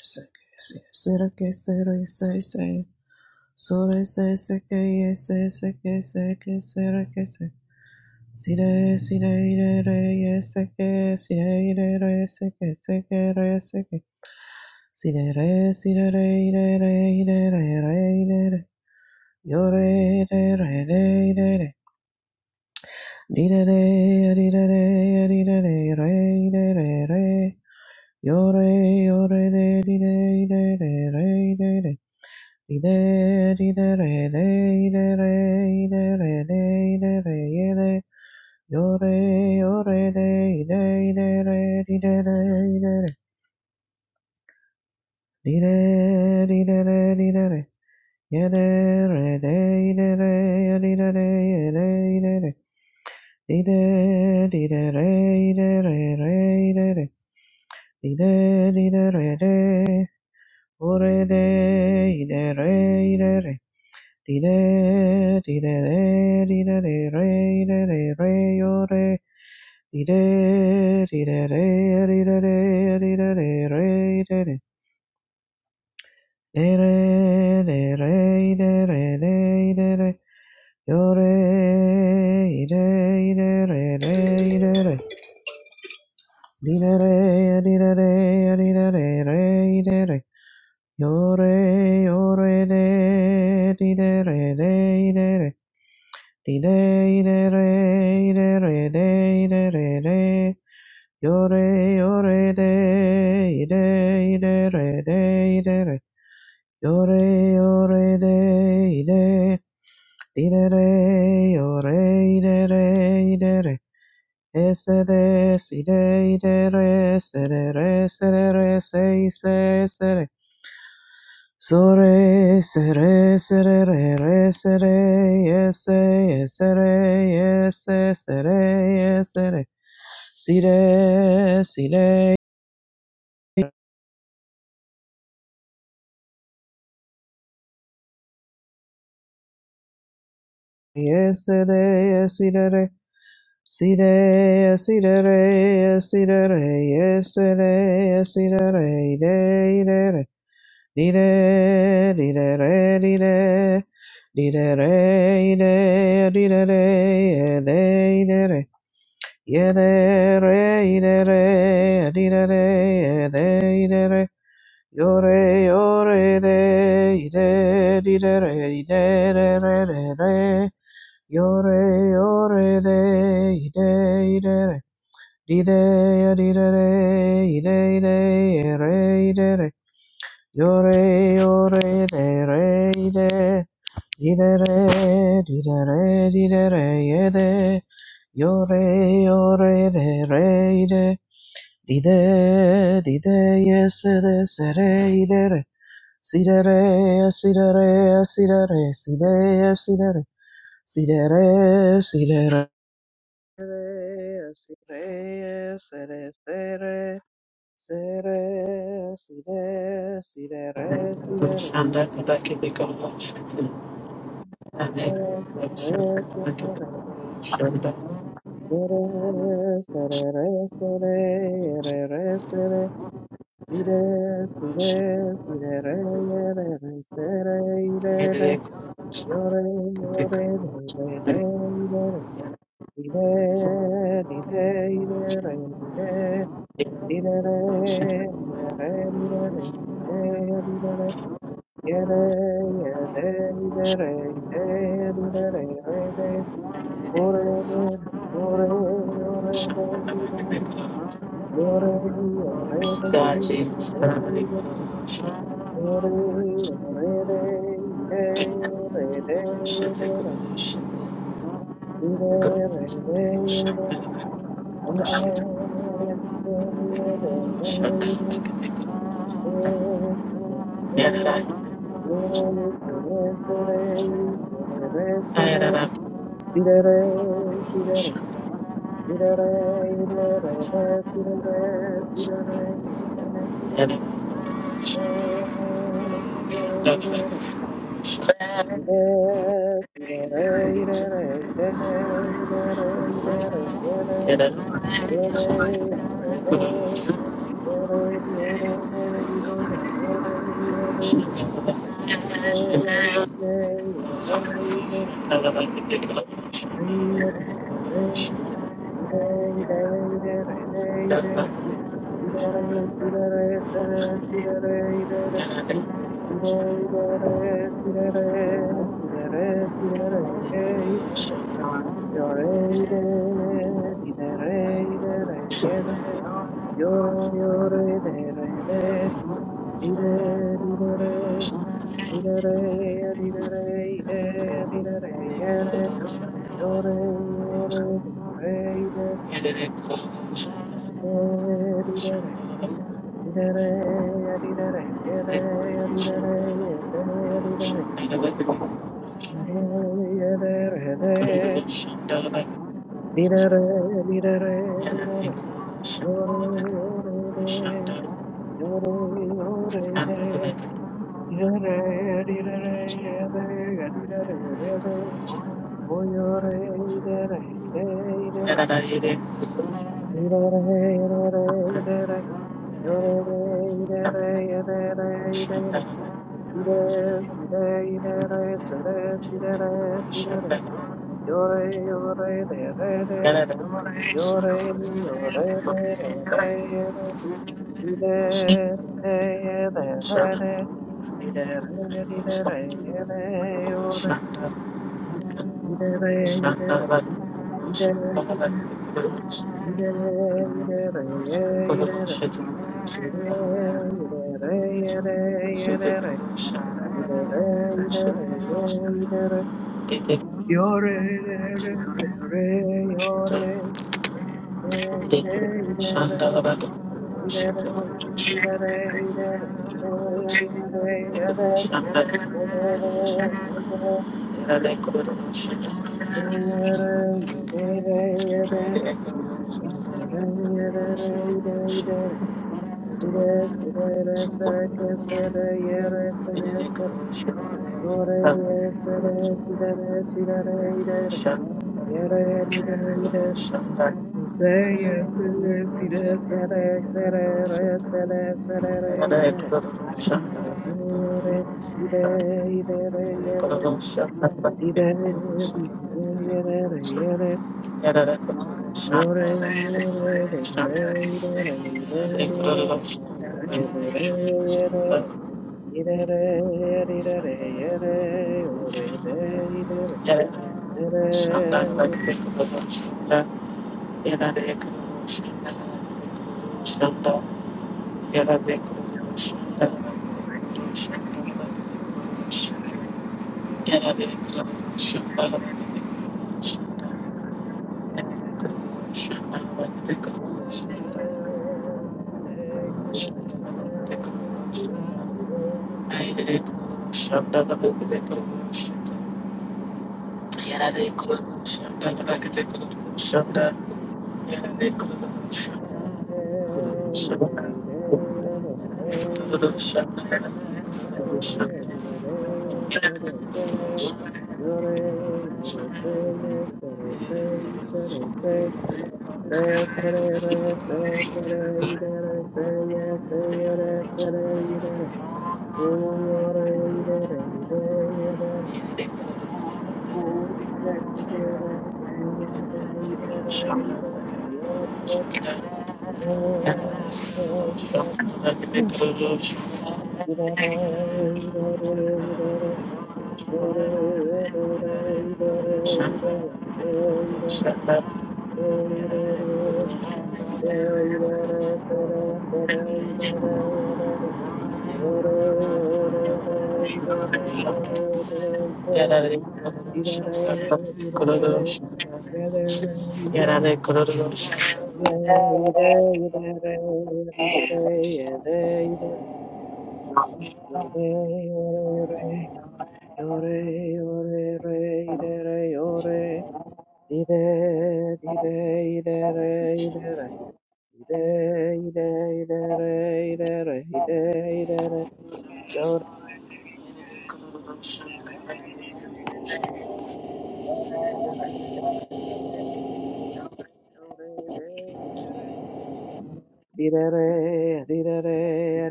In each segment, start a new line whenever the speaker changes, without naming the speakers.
Yes, yes, yes, yes, yes, yes, yes. Sore se se ke ye se se ke se ke se re ke se. Sire sire ire re ye se ke sire ire re se ke se ke re se ke. Sire re sire re ire re ire re re ire re. Yo re re re re ire re. Ire re ire re ire re re ire re re. Yo re yo re re ire ire re re ire re. Ore de, ide re, ide re. Di re di re re di re dee re dee re re yo re di re di re re di re dee dee dee dee re dee dee dee re dee re dee re dee dee re yo re dee dee dee re dee dee re dee dee re dee dee re dee dee re re dee re re yo re yo re dee dee dee re dee dee re re Di de de re de re de de re de yo re yo re de de de re de de re yo re yo re de de di de re yo re de re de re es de si de de re se de re se de re se se se So re se re se re re re se re yes se yes se re yes yes re yes se re si re si re yes se re yes si re re si re yes si re re yes si re re yes se re yes si re re re re re di re di re re di re di re Di-da-re, di-da, di-da-re, yeah, di-da-re. Yere re ire re adire ede ire yore yore de ide dire idere re re re re yore yore de ide idere re dide adire re ide ide re ide yore yore de re ide Dee-da-da, dee-da-da, dee-da-da, re yo-re, yo-re, de-re, de. re yes-a-da, se-re, dee-da-da. re si-da-re, de, Si-da-re, si-da-re, re, yo re de re de dee de dee se-re, da si de re si de re si de re si da si de re si de re si de re re si si-de-re, si-de-re.
Shanda Kabaki Bikoshita and then Shanda Kabaki Shanda
Sere, sere, sere, sere, re, re, sere, sire, sire, sire, re, re, re, sere, ire, re,
Yereko
Yore, yore, ire, ire, re, ire, ire, ire, re, ire, ire, re, yere, yere, ire, re, ire, ire, re, re, re, ore, yore, yore,
God, Jesus, family, Shanda
yore, ore, re, ire, ire, re, re, re, re, Idere, idere, idere, des, des, idere, idore,
Shut
ide, ide, idere, idere, ide, ore, ide, re, iore, iore, ide, ide, idere, iere, iore, re, ide, idere, ide, idere, de, didere, didere, iore, iore,
up.
idere, di, oiore, Yore,
Shut Shut
Say Yore,
Yeah, Shut
Did a re,
Yarare
did a re, did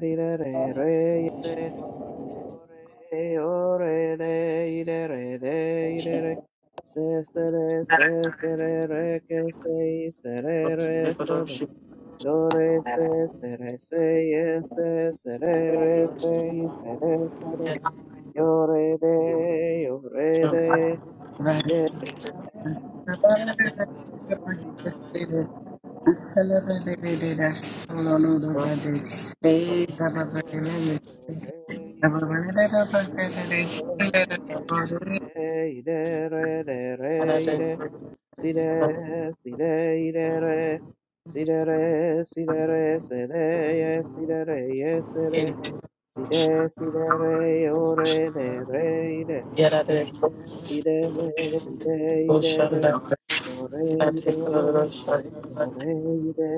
a re, re, Ore re re ire re re ire re se se re se se re re ke se i se re re do re se re se ye se se re re se i se re yo re re yo re re
Thank
ide re ide ide re ide re re re Sire, sire, irere, sirere, sirere, sere, ye, sirere, ye, sere, sire, sirere, ore, de re, ire, ire, ire, ire, ore, ore, ire,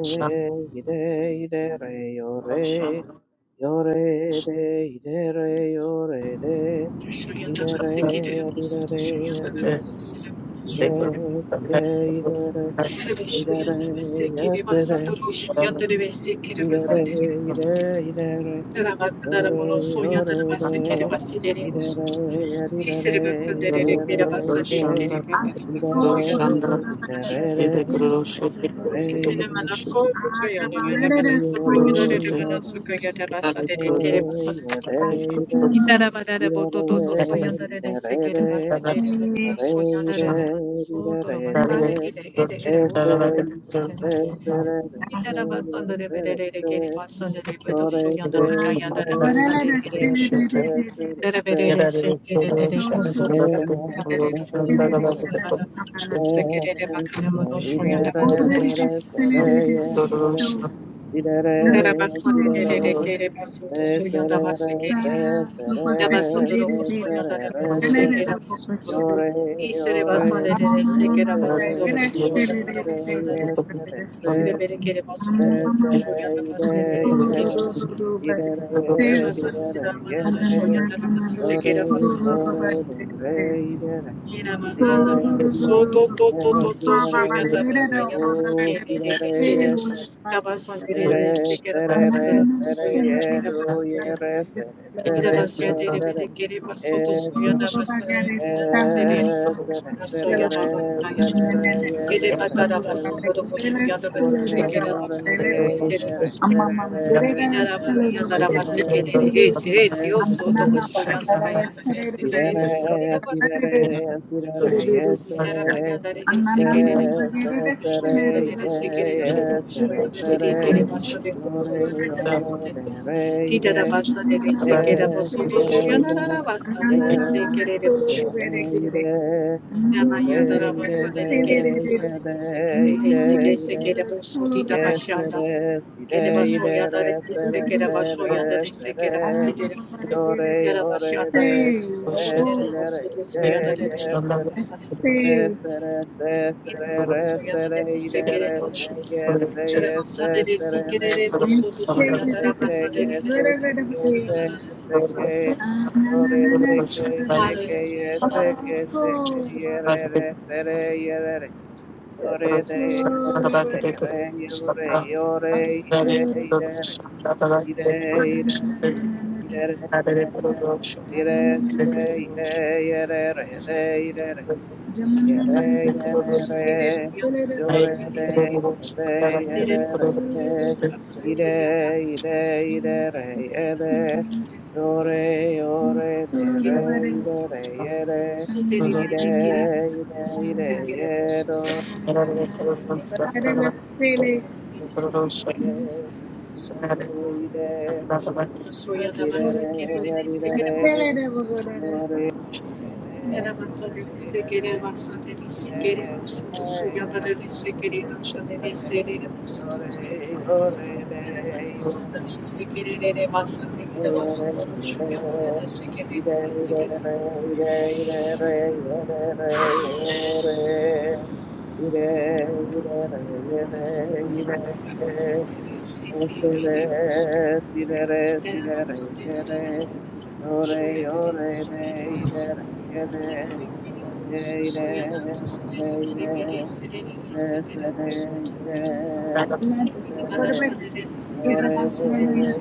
ire, ire, re, ore, ore, de, ire, re, ore, de,
Thank
ire, re, ire, re, ire, sire, sire, ire, re, ire, re, yes, Sirere, ire, irere, ore, ore re, irere, erirere,
Shanda
irere, irerere, ui, ore, ere, irere, irerere, ore, ire, irerere, ese, esere, esere, esere, ese, ore, ese, ere,
Hidarabasandarabasandere
esere, ese, ire, ere, ire, irere,
Thank
esere, esere, Sirere,
Indara basande
sirere,
rere
you.
kere
se,
basundo soyanda
serere,
basekerere.
se, sere,
Thank
Dabasundo
se,
robo soyanda
serere,
rere sekera basundo.
yore,
İsere
yore,
basande rere
sere,
sekera basundo
sere,
robo soyanda
se,
robo sanare.
yes, se,
İsere bere kere
se,
basundo robo
sere,
soyanda
ide,
baserere kere basundo. İndara
idere,
basande rere
didere,
damana
yere,
soyanda robo
yore,
sekera basundo.
yore, sere, idere, sirere,
Yeramana Soto to to
sirere,
to to
sirere,
soyata
yere,
bakaya
o,
gerere
sirere,
besere.
yes,
Tabasandere de
Sere,
sekera
sere,
Amen.
basandera
re, sere,
soyata
ye,
era
ru, ye,
basandere.
re, sere,
Ira
sere,
basyate de bere gere
e,
basoto
se,
soyana basare
e,
da sere. Ona
se, sere,
soyana
re,
bakaya.
sere, re, ye,
Gere
re, re,
batara
sere,
basondoro boşuyada ve
ore,
sekera
ore,
basandere
de,
besere olsun.
re,
İnara
sere, re, ye,
yanara basikere ese ese o soto boşuyanda kayanda ese
si, re,
gere nisi
re,
gere
si,
basın.
re, re, si, re, re, ye,
you.
sere,
Yarabaganda that it is
Thank
a get it
sere, se,
show
sere,
you that it
ye,
is a get it
ye,
show you
Say,
that it get it was sudden so
ore,
you need them
ore,
sudden.
de, re,
Did that
de,
about Sunday they say get up a
si,
soto show you not
re, re,
about
si,
Sunday they
re,
say get it up soto.
Reire, yo
Yamaya that about
reire,
Sunday they get it was Sunday
reire,
they say get it they say
reire,
get it get
reire.
up so did about
Yes,
Shanda.
re, si,
Get about
re,
show you
re,
that it
re, se,
is a
re,
Yarabashanda
se,
Gerevashoyanda Renese Gerevashoyanda
re, se,
Renese
re.
Gerevasidir
Yo re, yo re,
Yarabashanda
re,
Renesu
si, re,
oh,
re, re,
Yerevasu
re.
Soyanda
that's
Renese
Se,
safe.
se, re, se, se, re, re,
Hallelujah.
se, re, re, re. Yes, re, yes, se, se, re, re, se,
And safe is
que,
a
yes, se,
little
que,
bit of a
yes,
deal.
se, se,
Ah, na
yo
na
re,
na
se,
na na na na na.
que, yes, se,
Oh, my God.
ye, re, re, se, re, ye, re,
Oh, my God. Oh,
re.
you.
Yore, ire, ire,
my God.
ire, ire, ire, ire, ire, ire, ire, yore, de, de,
Sitere bosoto
de,
bosu asake
ide
yada bosa.
ide ide re,
Soya
ire, yore, yore, de, re, ide re, ire, ire,
Thank
ide ide yero, ide ide re, ide re, yore,
Let's
Thank
yore, yore, Yore,
you.
Adela Superbet Superman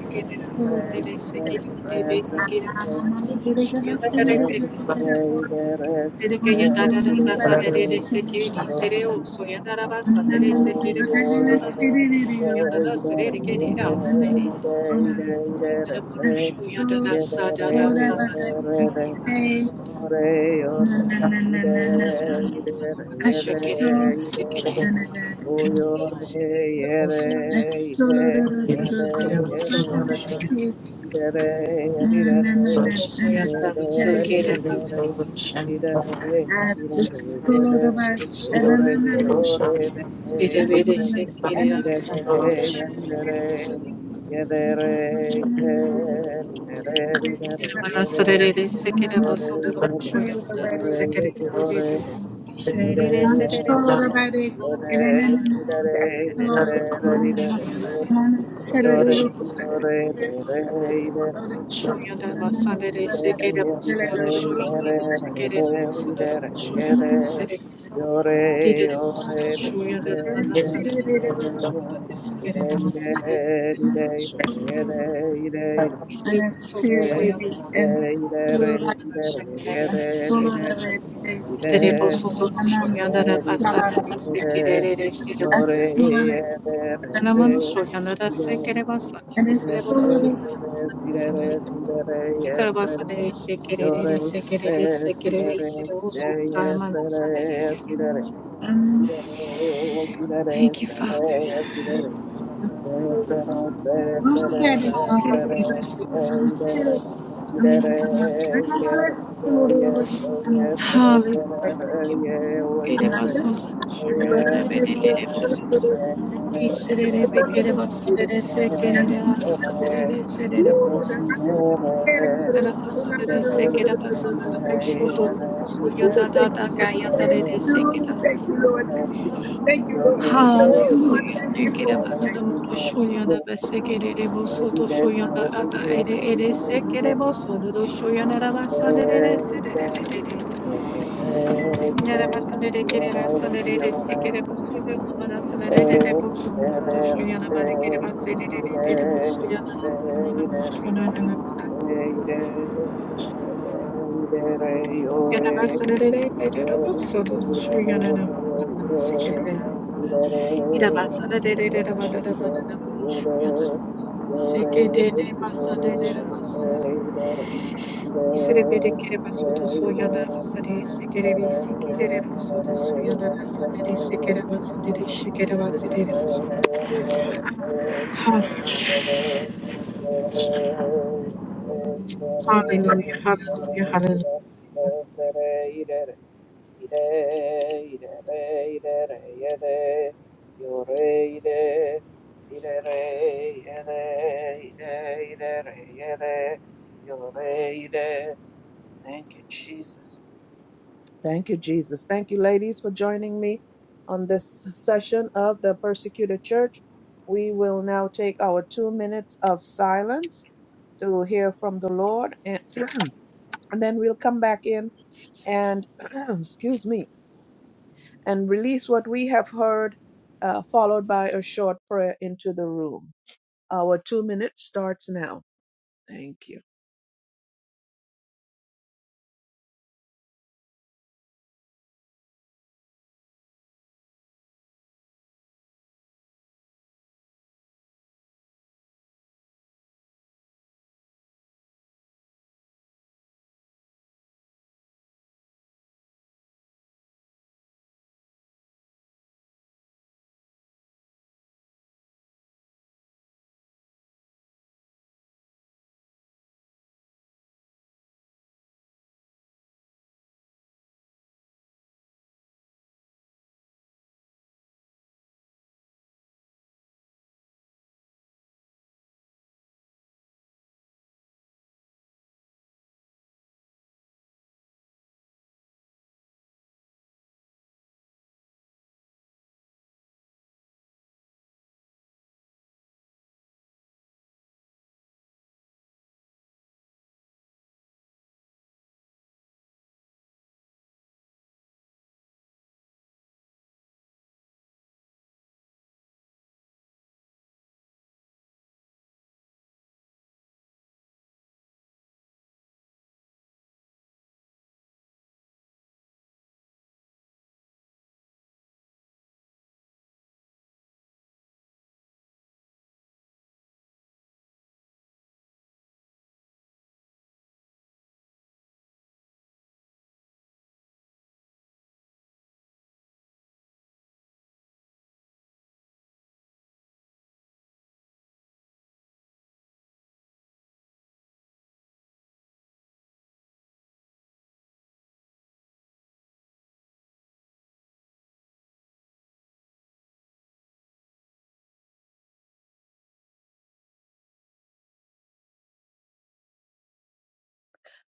Ah Mamma did it
you.
for
Terekaya dararara sadere sekeri sereo soyandaraba sadere sekere bolsudada sormuşu yandara serere gerere asadere. Yandara
Yore,
vuruşu
Astro,
yandara sadara sadere sekere bolsudada sormuşu yandara şekere sekere gerere sekere bolsudada sadere sekere bolsudada
Astro,
soda soyandara sekere bolsudada sekere bolsudada Şöyle
Amen
yore, yore,
and
yore, Yore,
Sere solun
Thank you.
soyanın sanenana şekerere mesekli. soyanlara basana neste kerere sere.
Thank you.
Anamanu soyanlara sekere basana neste bolsun sana. İtara basana neste
Yore
kerere sekere
sere sire
sekere sere olsun
sire ye
tamana
sere
sana neste.
sire sire
Thank you Father.
sire se
Hallelujah.
se ire ire ire se ye ye
Hallelujah.
se
Thank you.
ye
Kere basun donun
ye
soyanlara bere Kiserere pekere basandere sekere asandere serere posu.
ne ne
Sera basandere sekere basandere posu
Lord.
to posu
Ooh,
yanda da
Thank
da
you,
kayanda re
Lord. Thank you.
sekere.
Thank you, Lord. Thank you. Thank you, Lord. Ooh, Lord,
Hallelujah.
thank you.
Sekere
Ooh, thank
basandere posu yanda be sekere re posu to shu yanda ata ere ere sekere posu to shu yanda basandere serere. pekere. Yere
ne ne ne yore sire sire sire sire yore sire
Hallelujah. Hallelujah. Hallelujah.
sire sire sire ire Ire, ire, re, ire, re, yede, yore, ire, ire, re, yede, ire, ire, re, yede, yore, ire. Thank you, Jesus. Thank you, Jesus. Thank you, ladies, for joining me on this session of the persecuted church. We will now take our two minutes of silence to hear from the Lord, and, and then we'll come back in and, excuse me, and release what we have heard, uh, followed by a short prayer into the room. Our two minutes starts now. Thank you.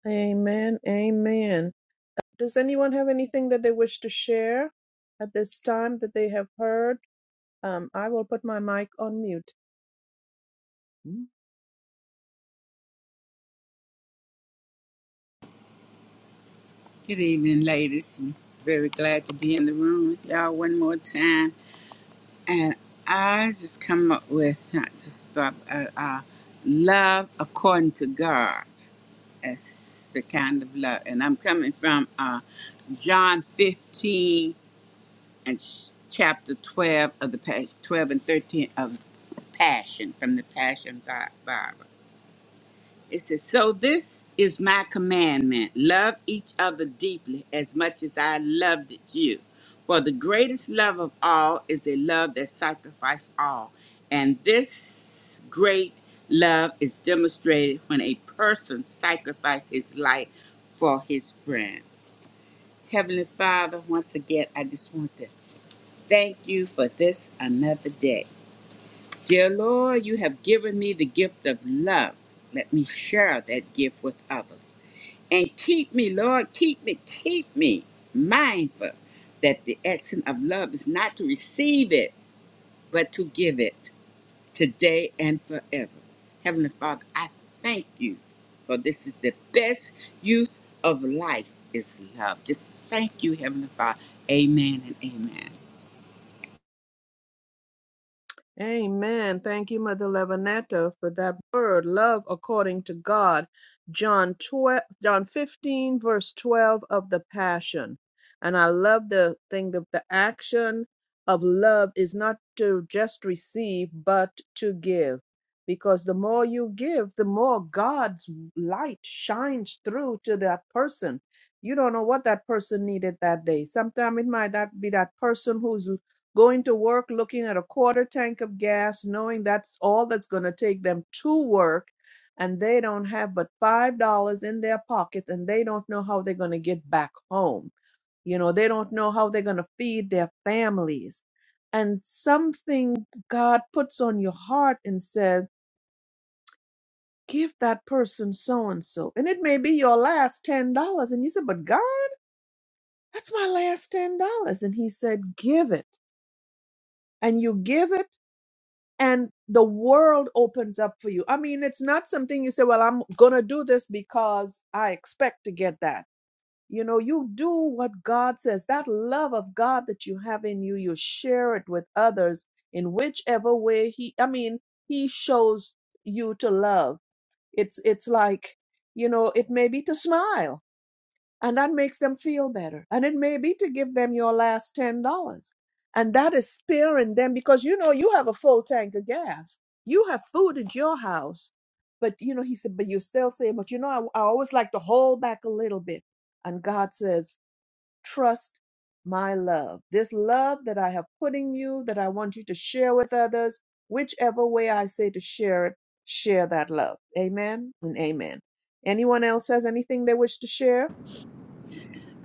Amen. Amen. Does anyone have anything that they wish to share at this time that they have heard? Um, I will put my mic on mute.
you. Good evening, ladies. I'm very glad to be in the room with y'all one more time. And I just come up with uh, just uh, uh, uh, love according to God. That's the kind of love. And I'm coming from uh, John 15 and sh- chapter 12 of the pas- 12 and 13 of Passion from the Passion Bi- Bible. It says, So this is my commandment love each other deeply as much as I loved you. For the greatest love of all is a love that sacrifices all. And this great love is demonstrated when a person sacrifices his life for his friend. Heavenly Father, once again, I just want to thank you for this another day. Dear Lord, you have given me the gift of love. Let me share that gift with others and keep me, Lord, keep me, keep me mindful that the action of love is not to receive it, but to give it today and forever. Heavenly Father, I thank you for this is the best use of life is love. Just thank you, Heavenly Father. Amen and amen.
Amen. Thank you, Mother Levinetta, for that word, love according to God. John 12, John 15, verse 12 of the Passion. And I love the thing that the action of love is not to just receive, but to give. Because the more you give, the more God's light shines through to that person. You don't know what that person needed that day. Sometimes it might that be that person who's going to work looking at a quarter tank of gas, knowing that's all that's going to take them to work, and they don't have but $5 in their pockets and they don't know how they're going to get back home. You know, they don't know how they're going to feed their families. And something God puts on your heart and says, give that person so and so. And it may be your last $10. And you said, but God, that's my last $10. And He said, give it. And you give it and the world opens up for you. I mean, it's not something you say, well, I'm going to do this because I expect to get that. You know, you do what God says. That love of God that you have in you, you share it with others in whichever way he I mean, he shows you to love. It's it's like, you know, it may be to smile and that makes them feel better. And it may be to give them your last ten dollars. And that is sparing them because you know you have a full tank of gas. You have food at your house. But you know, he said, but you still saying, but you know, I, I always like to hold back a little bit. And God says, trust my love. This love that I have put in you, that I want you to share with others, whichever way I say to share it, share that love. Amen and amen. Anyone else has anything they wish to share?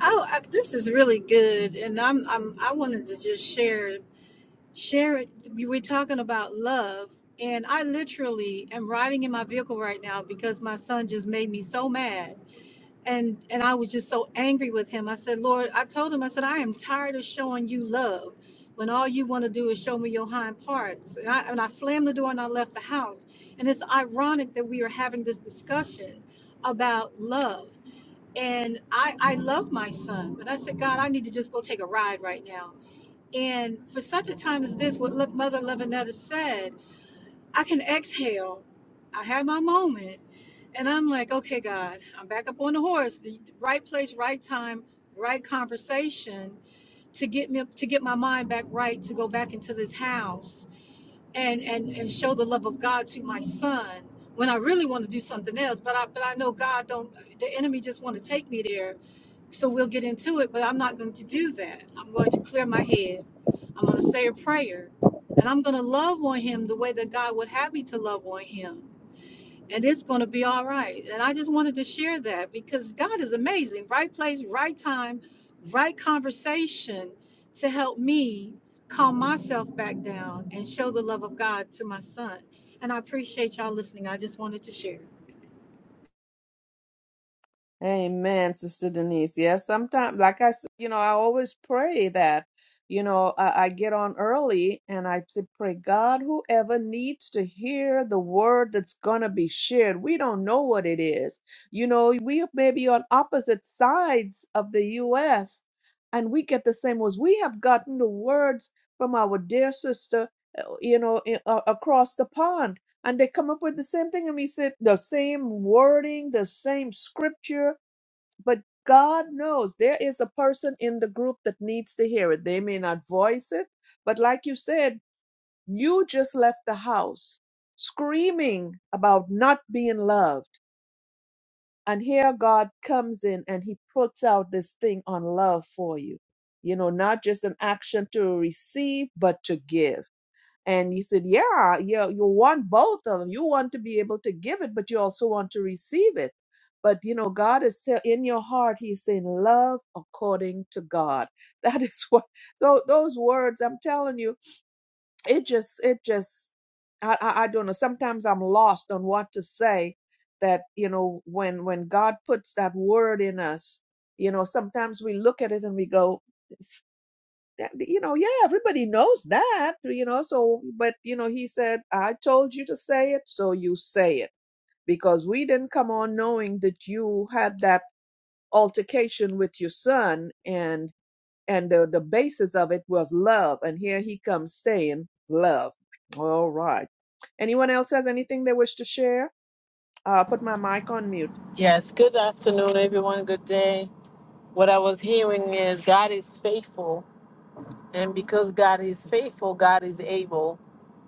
Oh, I, this is really good, and I'm, I'm I wanted to just share share it. We We're talking about love, and I literally am riding in my vehicle right now because my son just made me so mad, and and I was just so angry with him. I said, Lord, I told him, I said, I am tired of showing you love when all you want to do is show me your hind parts. And I and I slammed the door and I left the house. And it's ironic that we are having this discussion about love and I I love my son, but I said, God, I need to just go take a ride right now. And for such a time as this, what look, Mother Levinetta said, I can exhale. I had my moment, and I'm like, okay, God, I'm back up on the horse. The right place, right time, right conversation to get me to get my mind back right to go back into this house and and and show the love of God to my son when I really want to do something else. But I but I know God don't. The enemy just want to take me there, so we'll get into it. But I'm not going to do that. I'm going to clear my head. I'm going to say a prayer, and I'm going to love on him the way that God would have me to love on him and it's going to be all right. And I just wanted to share that because God is amazing. Right place, right time, right conversation to help me calm myself back down and show the love of God to my son. And I appreciate y'all listening. I just wanted to share.
Amen, Sister Denise. Yes, sometimes, like I said, you know, I always pray that, you know, I, I get on early and I say, pray God, whoever needs to hear the word that's going to be shared, we don't know what it is. You know, we may be on opposite sides of the U.S. and we get the same words. We have gotten the words from our dear sister, uh, you know, i- a- across the pond and they come up with the same thing and we said the same wording the same scripture but god knows there is a person in the group that needs to hear it they may not voice it but like you said you just left the house screaming about not being loved and here god comes in and he puts out this thing on love for you you know not just an action to receive but to give and he said, Yeah, yeah, you want both of them. You want to be able to give it, but you also want to receive it. But you know, God is still in your heart. He's saying, Love according to God. That is what tho- those words, I'm telling you, it just, it just, I, I, I don't know. Sometimes I'm lost on what to say that, you know, when, when God puts that word in us, you know, sometimes we look at it and we go, that- you know, yeah, everybody knows that, you know, so, but, you know, he said, I told you to say it, so you say it because we didn't come on knowing that you had that altercation with your son and, and the, the basis of it was love. And here he comes saying love. All right. Anyone else has anything they wish to share? Uh, put my mic on mute.
Yes, good afternoon, everyone. Good day. What I was hearing is God is faithful, and because God is faithful, God is able.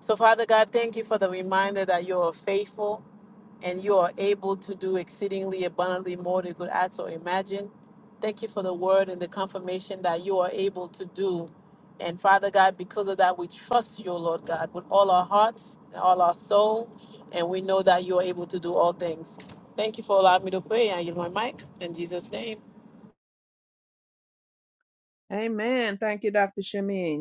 So, Father God, thank you for the reminder that you are faithful and you are able to do exceedingly abundantly more than you could ask or imagine. Thank you for the word and the confirmation that you are able to do. And Father God, because of that, we trust you, Lord God, with all our hearts and all our soul, and we know that you are able to do all things. Thank you for allowing me to pray. I yield my mic in Jesus' name.
Amen. Thank you, Dr. Shamin.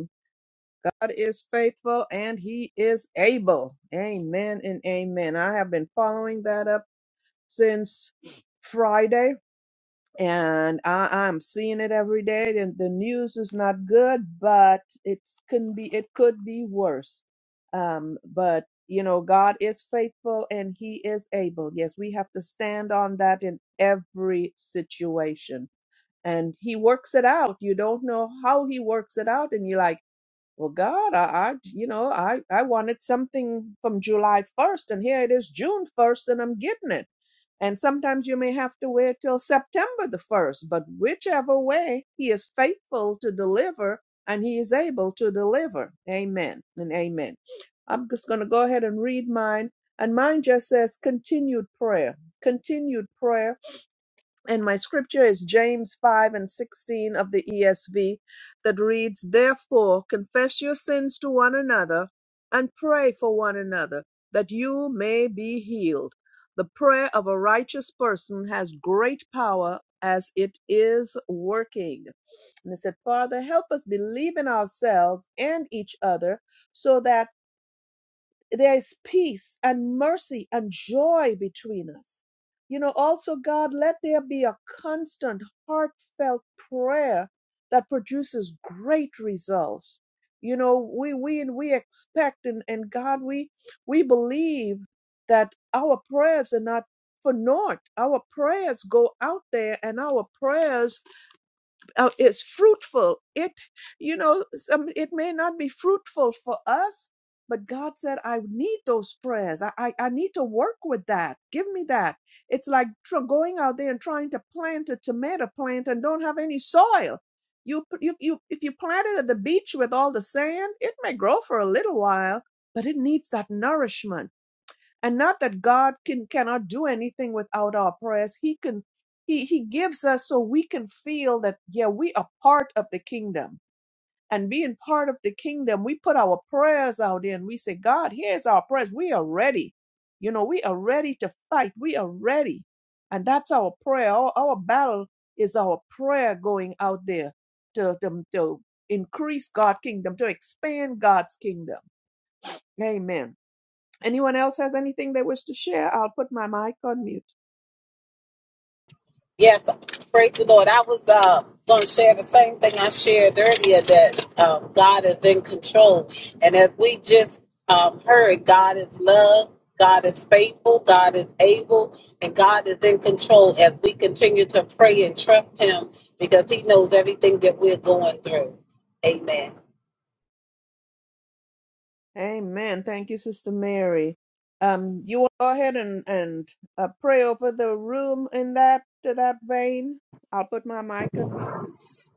God is faithful and he is able. Amen and amen. I have been following that up since Friday and I, I'm seeing it every day. And the news is not good, but it's can be it could be worse. Um, but you know, God is faithful and he is able. Yes, we have to stand on that in every situation. And he works it out. You don't know how he works it out, and you're like well, God, I, I you know, I, I wanted something from July 1st, and here it is June 1st, and I'm getting it. And sometimes you may have to wait till September the 1st, but whichever way, He is faithful to deliver, and He is able to deliver. Amen and amen. I'm just going to go ahead and read mine. And mine just says continued prayer, continued prayer and my scripture is James 5 and 16 of the ESV that reads, Therefore, confess your sins to one another and pray for one another that you may be healed. The prayer of a righteous person has great power as it is working. And it said, Father, help us believe in ourselves and each other so that there is peace and mercy and joy between us. You know, also, God, let there be a constant, heartfelt prayer that produces great results. You know, we we we expect and, and God, we we believe that our prayers are not for naught. Our prayers go out there and our prayers uh, is fruitful. It, you know, some, it may not be fruitful for us, but God said, I need those prayers. I, I, I need to work with that. Give me that. It's like tr- going out there and trying to plant a tomato plant and don't have any soil. You, p- you, you, if you plant it at the beach with all the sand, it may grow for a little while, but it needs that nourishment and not that god can cannot do anything without our prayers he can he he gives us so we can feel that yeah we are part of the kingdom and being part of the kingdom we put our prayers out there and we say god here's our prayers we are ready you know we are ready to fight we are ready and that's our prayer our, our battle is our prayer going out there to, to, to increase god's kingdom to expand god's kingdom amen Anyone else has anything they wish to share? I'll put my mic on mute.
Yes, praise the Lord. I was uh, going to share the same thing I shared earlier that um, God is in control. And as we just um, heard, God is love, God is faithful, God is able, and God is in control as we continue to pray and trust Him because He knows everything that we're going through. Amen.
Amen. Thank you, Sister Mary. Um, you want to go ahead and and uh, pray over the room in that to that vein. I'll put my mic on mute.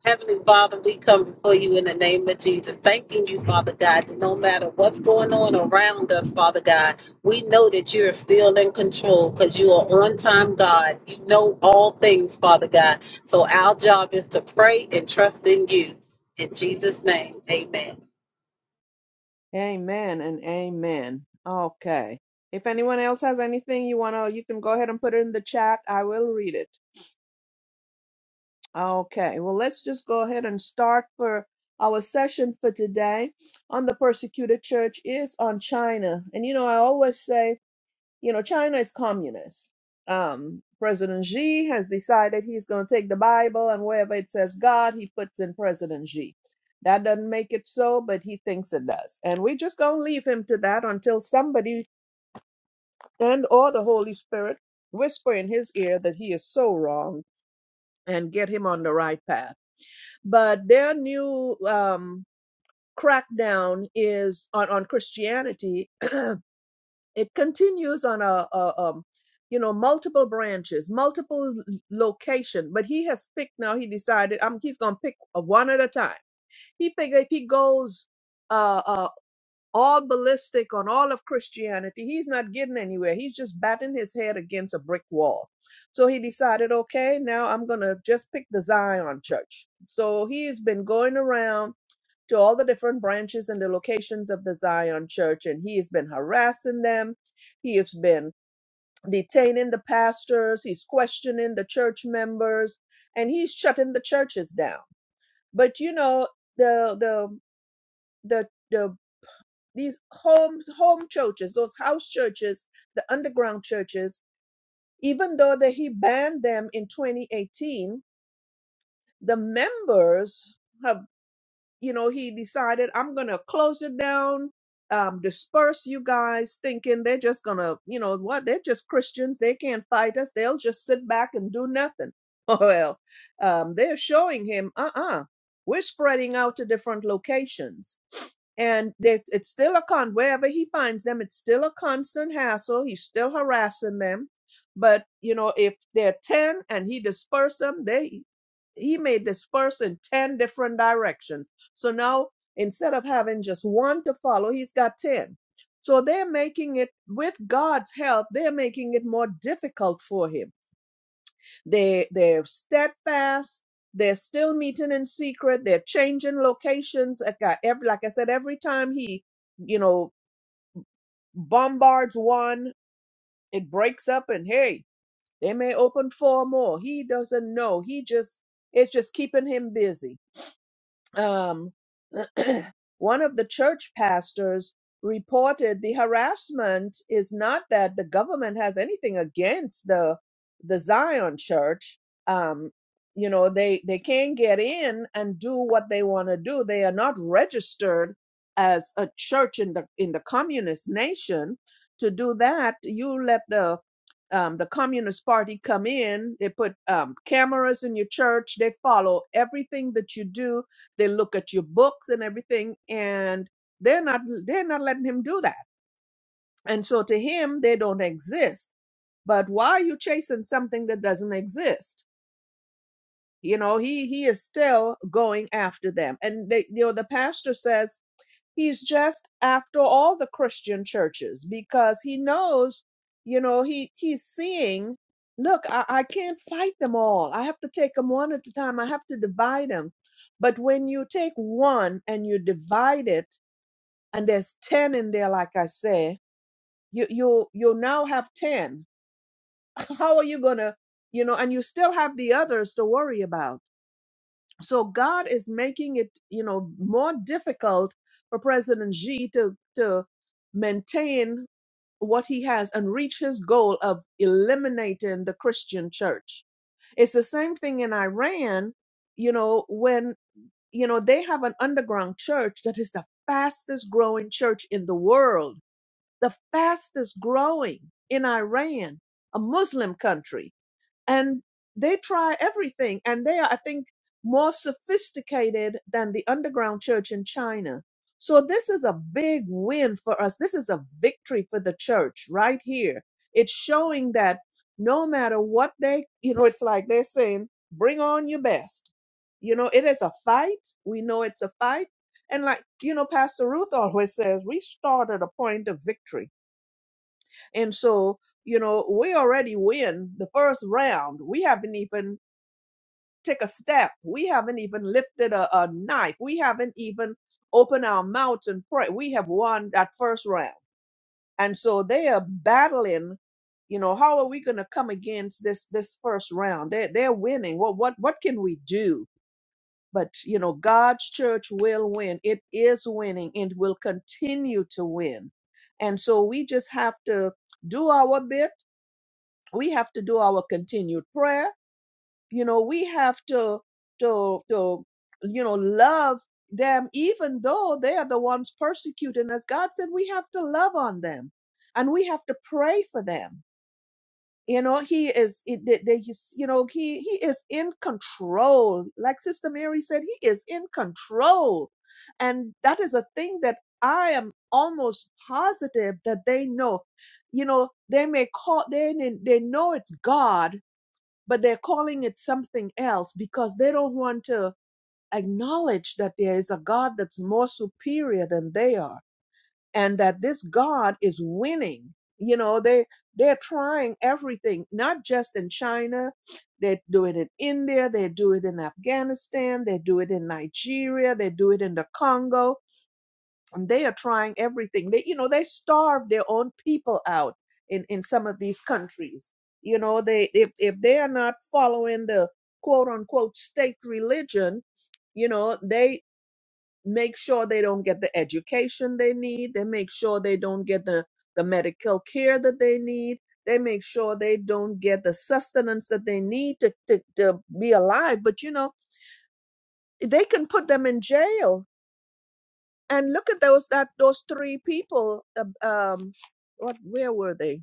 Heavenly Father, we come before you in the name of Jesus, thanking you, Father God, that no matter what's going on around us, Father God, we know that you're still in control because you are on time, God. You know all things, Father God. So our job is to pray and trust in you. In Jesus' name, amen.
Amen and amen. Okay. If anyone else has anything you wanna, you can go ahead and put it in the chat. I will read it. Okay. Well, let's just go ahead and start for our session for today on the persecuted church is on China. And you know, I always say you know, China is communist. Um, President Xi has decided he's going to take the Bible and wherever it says God, he puts in President Xi. That doesn't make it so, but he thinks it does. And we're just going to leave him to that until somebody and or the Holy Spirit whisper in his ear that he is so wrong and get him on the right path. But their new um, crackdown is on, on Christianity it continues on a, a um, you know multiple branches multiple location but he has picked now he decided um, he's going to pick uh, one at a time he figured if he goes uh, uh, all ballistic on all of christianity he's not getting anywhere he's just batting his head against a brick wall so he decided okay now i'm going to just pick the zion church so he's been going around to all the different branches and the locations of the Zion Church, and he has been harassing them. He has been detaining the pastors. He's questioning the church members, and he's shutting the churches down. But you know the the the the these home home churches, those house churches, the underground churches. Even though that he banned them in 2018, the members have. you know, he decided, I'm going to close it down, um, disperse you guys, thinking they're just going to, you know, what? They're just Christians. They can't fight us. They'll just sit back and do nothing. Well, um, they're showing him, uh uh-uh, uh, we are spreading out to different locations and it's, it's still a con wherever he finds them it's still a constant hassle he's still harassing them but you know if they're 10 and he dispersed them they he may disperse in 10 different directions so now instead of having just one to follow he's got 10 so they're making it with god's help they're making it more difficult for him they they're steadfast. They're still meeting in secret. They're changing locations. Like I, every, like I said, every time he, you know, bombards one, it breaks up, and hey, they may open four more. He doesn't know. He just it's just keeping him busy um, one of the church pastors reported the harassment is not that the government has anything against the the Zion church. Um, you know, they they can get in and do what they want to do. They are not registered as a church in the in the communist nation. To do that, you let the um, the Communist Party come in. They put um, cameras in your church. They follow everything that you do they look at your books and everything and they're not they're not letting him do that and so to him they don't exist but why are you chasing something that doesn't exist you know he he is still going after them and they you know the pastor says He's just after all the Christian churches because he knows, you know, he he's seeing, look, I, I can't fight them all. I have to take them one at a time. I have to divide them. But when you take one and you divide it, and there's ten in there, like I say, you you you now have ten. How are you gonna, you know, and you still have the others to worry about. So God is making it, you know, more difficult for President Xi to to maintain what he has and reach his goal of eliminating the Christian church. It's the same thing in Iran, you know, when you know they have an underground church that is the fastest growing church in the world, the fastest growing in Iran, a Muslim country and they try everything and they are i think more sophisticated than the underground church in china so this is a big win for us this is a victory for the church right here it's showing that no matter what they you know it's like they're saying bring on your best you know it is a fight we know it's a fight and like you know pastor ruth always says we start at a point of victory and so, you know, we already win the first round. We haven't even take a step. We haven't even lifted a, a knife. We haven't even opened our mouths and pray. We have won that first round. And so they are battling, you know, how are we gonna come against this this first round? They they're winning. What what what can we do? But you know, God's church will win. It is winning and will continue to win. And so we just have to do our bit we have to do our continued prayer you know we have to to to you know love them even though they are the ones persecuting us god said we have to love on them and we have to pray for them you know he is it- they, they, just- you know he he is in control like sister mary said he is in control and that is a thing that i am almost positive that they know you know they may call they may- they know it's god but they're calling it something else because they don't want to acknowledge that there is a God that's more superior than they are and that this God is winning. You know, they they're trying everything, not just in China. They do it in India, they do it in Afghanistan, they do it in Nigeria, they do it in the Congo and they are trying everything they you know they starve their own people out in in some of these countries you know they if if they are not following the quote unquote state religion you know they make sure they don't get the education they need they make sure they don't get the the medical care that they need they make sure they don't get the sustenance that they need to, to, to be alive but you know they can put them in jail and look at those that those three people uh, um what where were they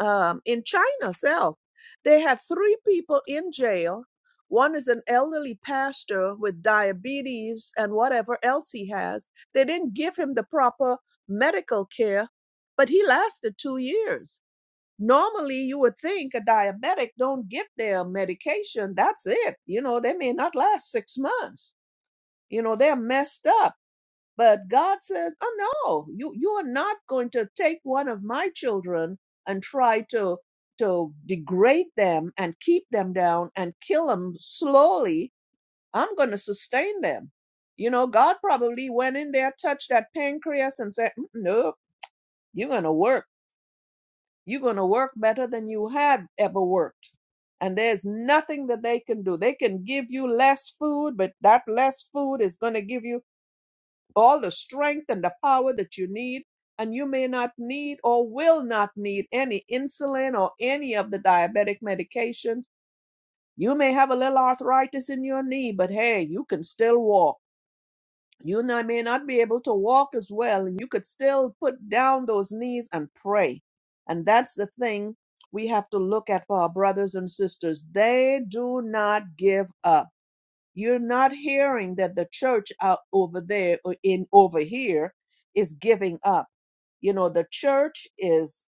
um in china itself they had three people in jail one is an elderly pastor with diabetes and whatever else he has they didn't give him the proper medical care but he lasted two years normally you would think a diabetic don't get their medication that's it you know they may not last six months you know they're messed up but God says, oh no, you, you are not going to take one of my children and try to, to degrade them and keep them down and kill them slowly. I'm going to sustain them. You know, God probably went in there, touched that pancreas and said, "Mm, nope, you're going to work. You're going to work better than you had ever worked. And there's nothing that they can do. They can give you less food, but that less food is going to give you all the strength and the power that you need. And you may not need or will not need any insulin or any of the diabetic medications. You may have a little arthritis in your knee, but hey, you can still walk. You n- may not be able to walk as well, and you could still put down those knees and pray. And that's the thing we have to look at for our brothers and sisters. They do not give up you're not hearing that the church out over there or in over here is giving up. You know, the church is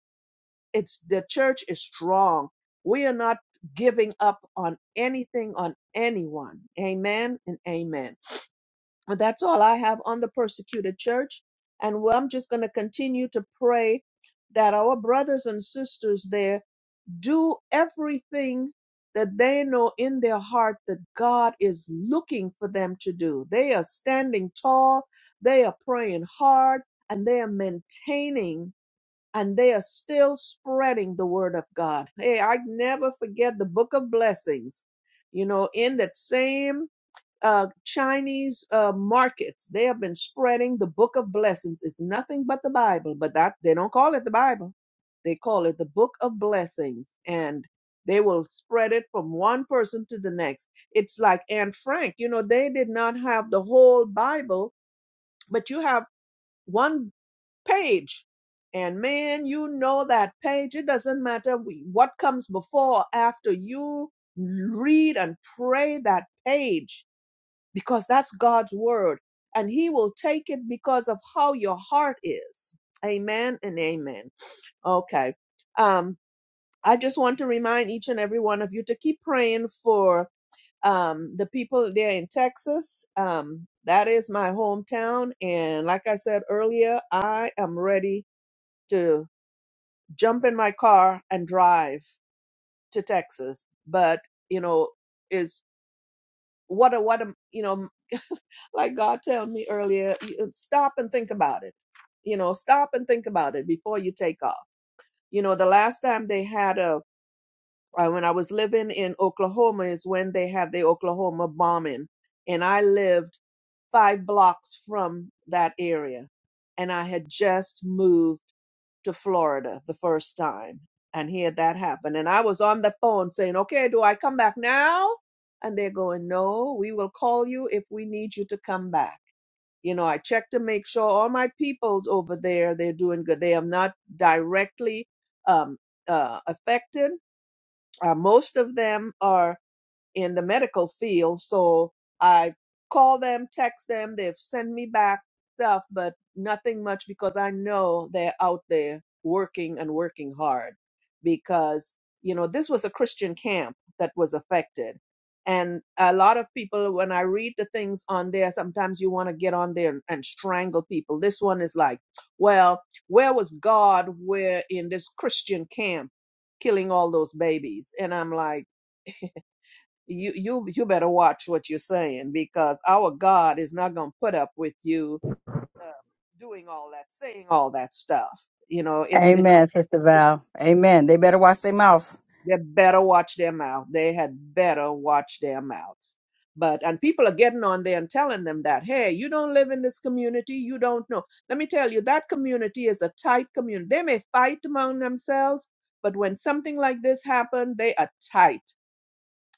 it's the church is strong. We are not giving up on anything on anyone. Amen and amen. But that's all I have on the persecuted church. And well, I'm just going to continue to pray that our brothers and sisters there do everything that they know in their heart that God is looking for them to do. They are standing tall, they are praying hard, and they are maintaining and they are still spreading the word of God. Hey, I never forget the book of blessings. You know, in that same uh, Chinese uh, markets. They have been spreading the Book of Blessings. It's nothing but the Bible, but that they don't call it the Bible. They call it the Book of Blessings, and they will spread it from one person to the next. It's like Anne Frank. You know, they did not have the whole Bible, but you have one page. And man, you know that page. It doesn't matter wh- what comes before or after. You read and pray that page because that's God's word and he will take it because of how your heart is. Amen and amen. Okay. Um I just want to remind each and every one of you to keep praying for um the people there in Texas. Um that is my hometown and like I said earlier, I am ready to jump in my car and drive to Texas. But, you know, is what a what a you know like God told me earlier, you- stop and think about it. You know, stop and think about it before you take off. You know, the last time they had a, uh, when I was living in Oklahoma is when they had the Oklahoma bombing. And I lived five blocks from that area. And I had just moved to Florida the first time and had that happen. And I was on the phone saying, okay, do I come back now? And they're going, no, we will call you if we need you to come back you know, I check to make sure all my peoples over there they're doing good. They are not directly um, uh, affected. Uh, most of them are in the medical field. So I call them, text them, they've sent me back stuff, but nothing much because I know they're out there working and working hard because, you know, this was a Christian camp that was affected. And a lot of people, when I read the things on there, sometimes you want to get on there and, and strangle people. This one is like, well, where was God? Where in this Christian camp killing all those babies? And I'm like, you you you better watch what you're saying because our God is not going to put up with you uh, doing all that, saying all that stuff. You know, it's it's
Amen, Sister Val. Amen. They better watch their mouth.
they better watch their mouth. They had better watch their mouths. But and people are getting on there and telling them that, hey, you don't live in this community, you don't know. Let me tell you, that community is a tight community. They may fight among themselves, but when something like this happened, they are tight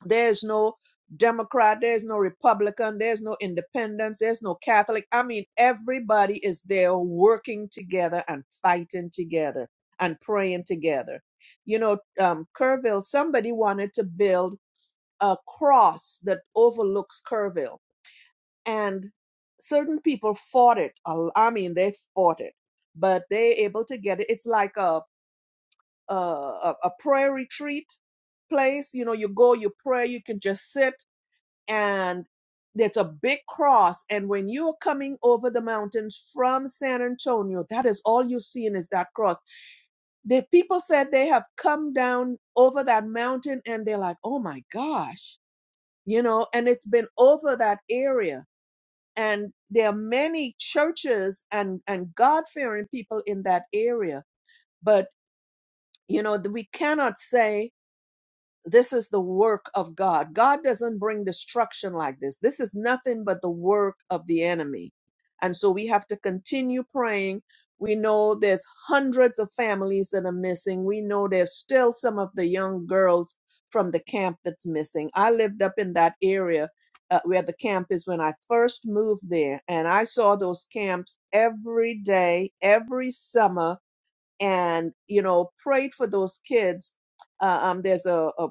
There's no Democrat, there's no Republican, there's no independence, there's no Catholic. I mean, everybody is there working together and fighting together and praying together. You know, um, Kerrville, somebody wanted to build a cross that overlooks Kerrville, and certain people fought it. A- I mean, they fought it, but they able to get it. It's like a a, a a prayer retreat place. You know, you go, you pray, you can just sit and there's a big cross. And when you're coming over the mountains from San Antonio, that is all you're seeing is that cross. The people said they have come down over that mountain and they're like, oh my gosh, you know, and it's been over that area. And there are many churches and, and God fearing people in that area. But, you know, we cannot say This is the work of God. God doesn't bring destruction like this. This is nothing but the work of the enemy. And so we have to continue praying. We know there's hundreds of families that are missing. We know there's still some of the young girls from the camp that's missing. I lived up in that area uh, where the camp is when I first moved there, and I saw those camps every day, every summer, and you know prayed for those kids. Uh, um, there's a, a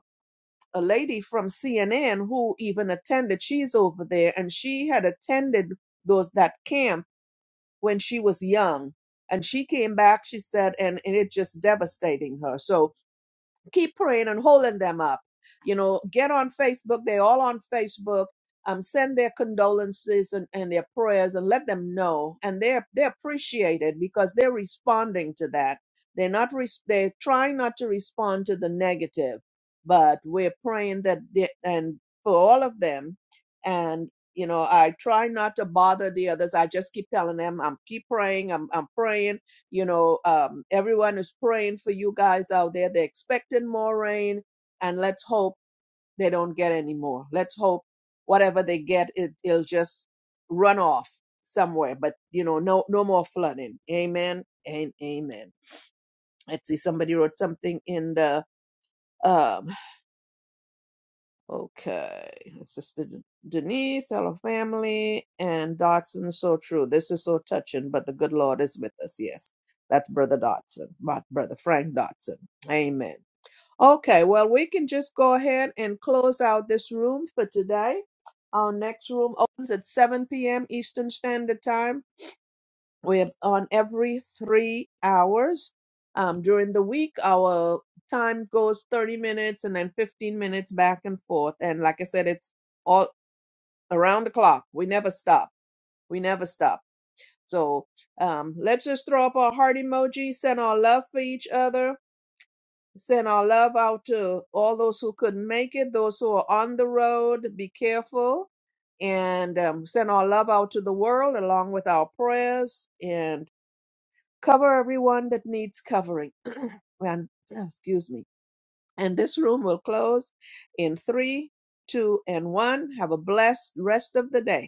a lady from CNN who even attended. She's over there, and she had attended those that camp when she was young, and she came back. She said, and, and it just devastating her. So keep praying and holding them up. You know, get on Facebook. They're all on Facebook. Um, send their condolences and, and their prayers and let them know. And they're they appreciate it because they're responding to that. They're not res- they're trying not to respond to the negative, but we're praying that they, and for all of them. And you know, I try not to bother the others. I just keep telling them, I'm keep praying. I'm I'm praying you know, um, everyone is praying for you guys out there. They're expecting more rain, and let's hope they don't get any more. Let's hope whatever they get, it, it'll just run off somewhere. But you know, no, no more flooding. Amen and amen. Let's see. Somebody wrote something in the um, Okay. It's Sister Denise, hello family, and Dotson, so true. This is so touching, but the good Lord is with us. Yes. That's Brother Dotson, not Brother Frank Dotson. Amen. Okay, well, we can just go ahead and close out this room for today. Our next room opens at 7 p.m. Eastern Standard Time. We're on every three hours. Um, during the week, our time goes 30 minutes and then 15 minutes back and forth. And like I said, it's all around the clock. We never stop. We never stop. So um, let's just throw up our heart emoji, send our love for each other, send our love out to all those who couldn't make it, those who are on the road. Be careful. And um, send our love out to the world along with our prayers. And Cover everyone that needs covering. and excuse me. And this room will close in three, two, and one. Have a blessed rest of the day.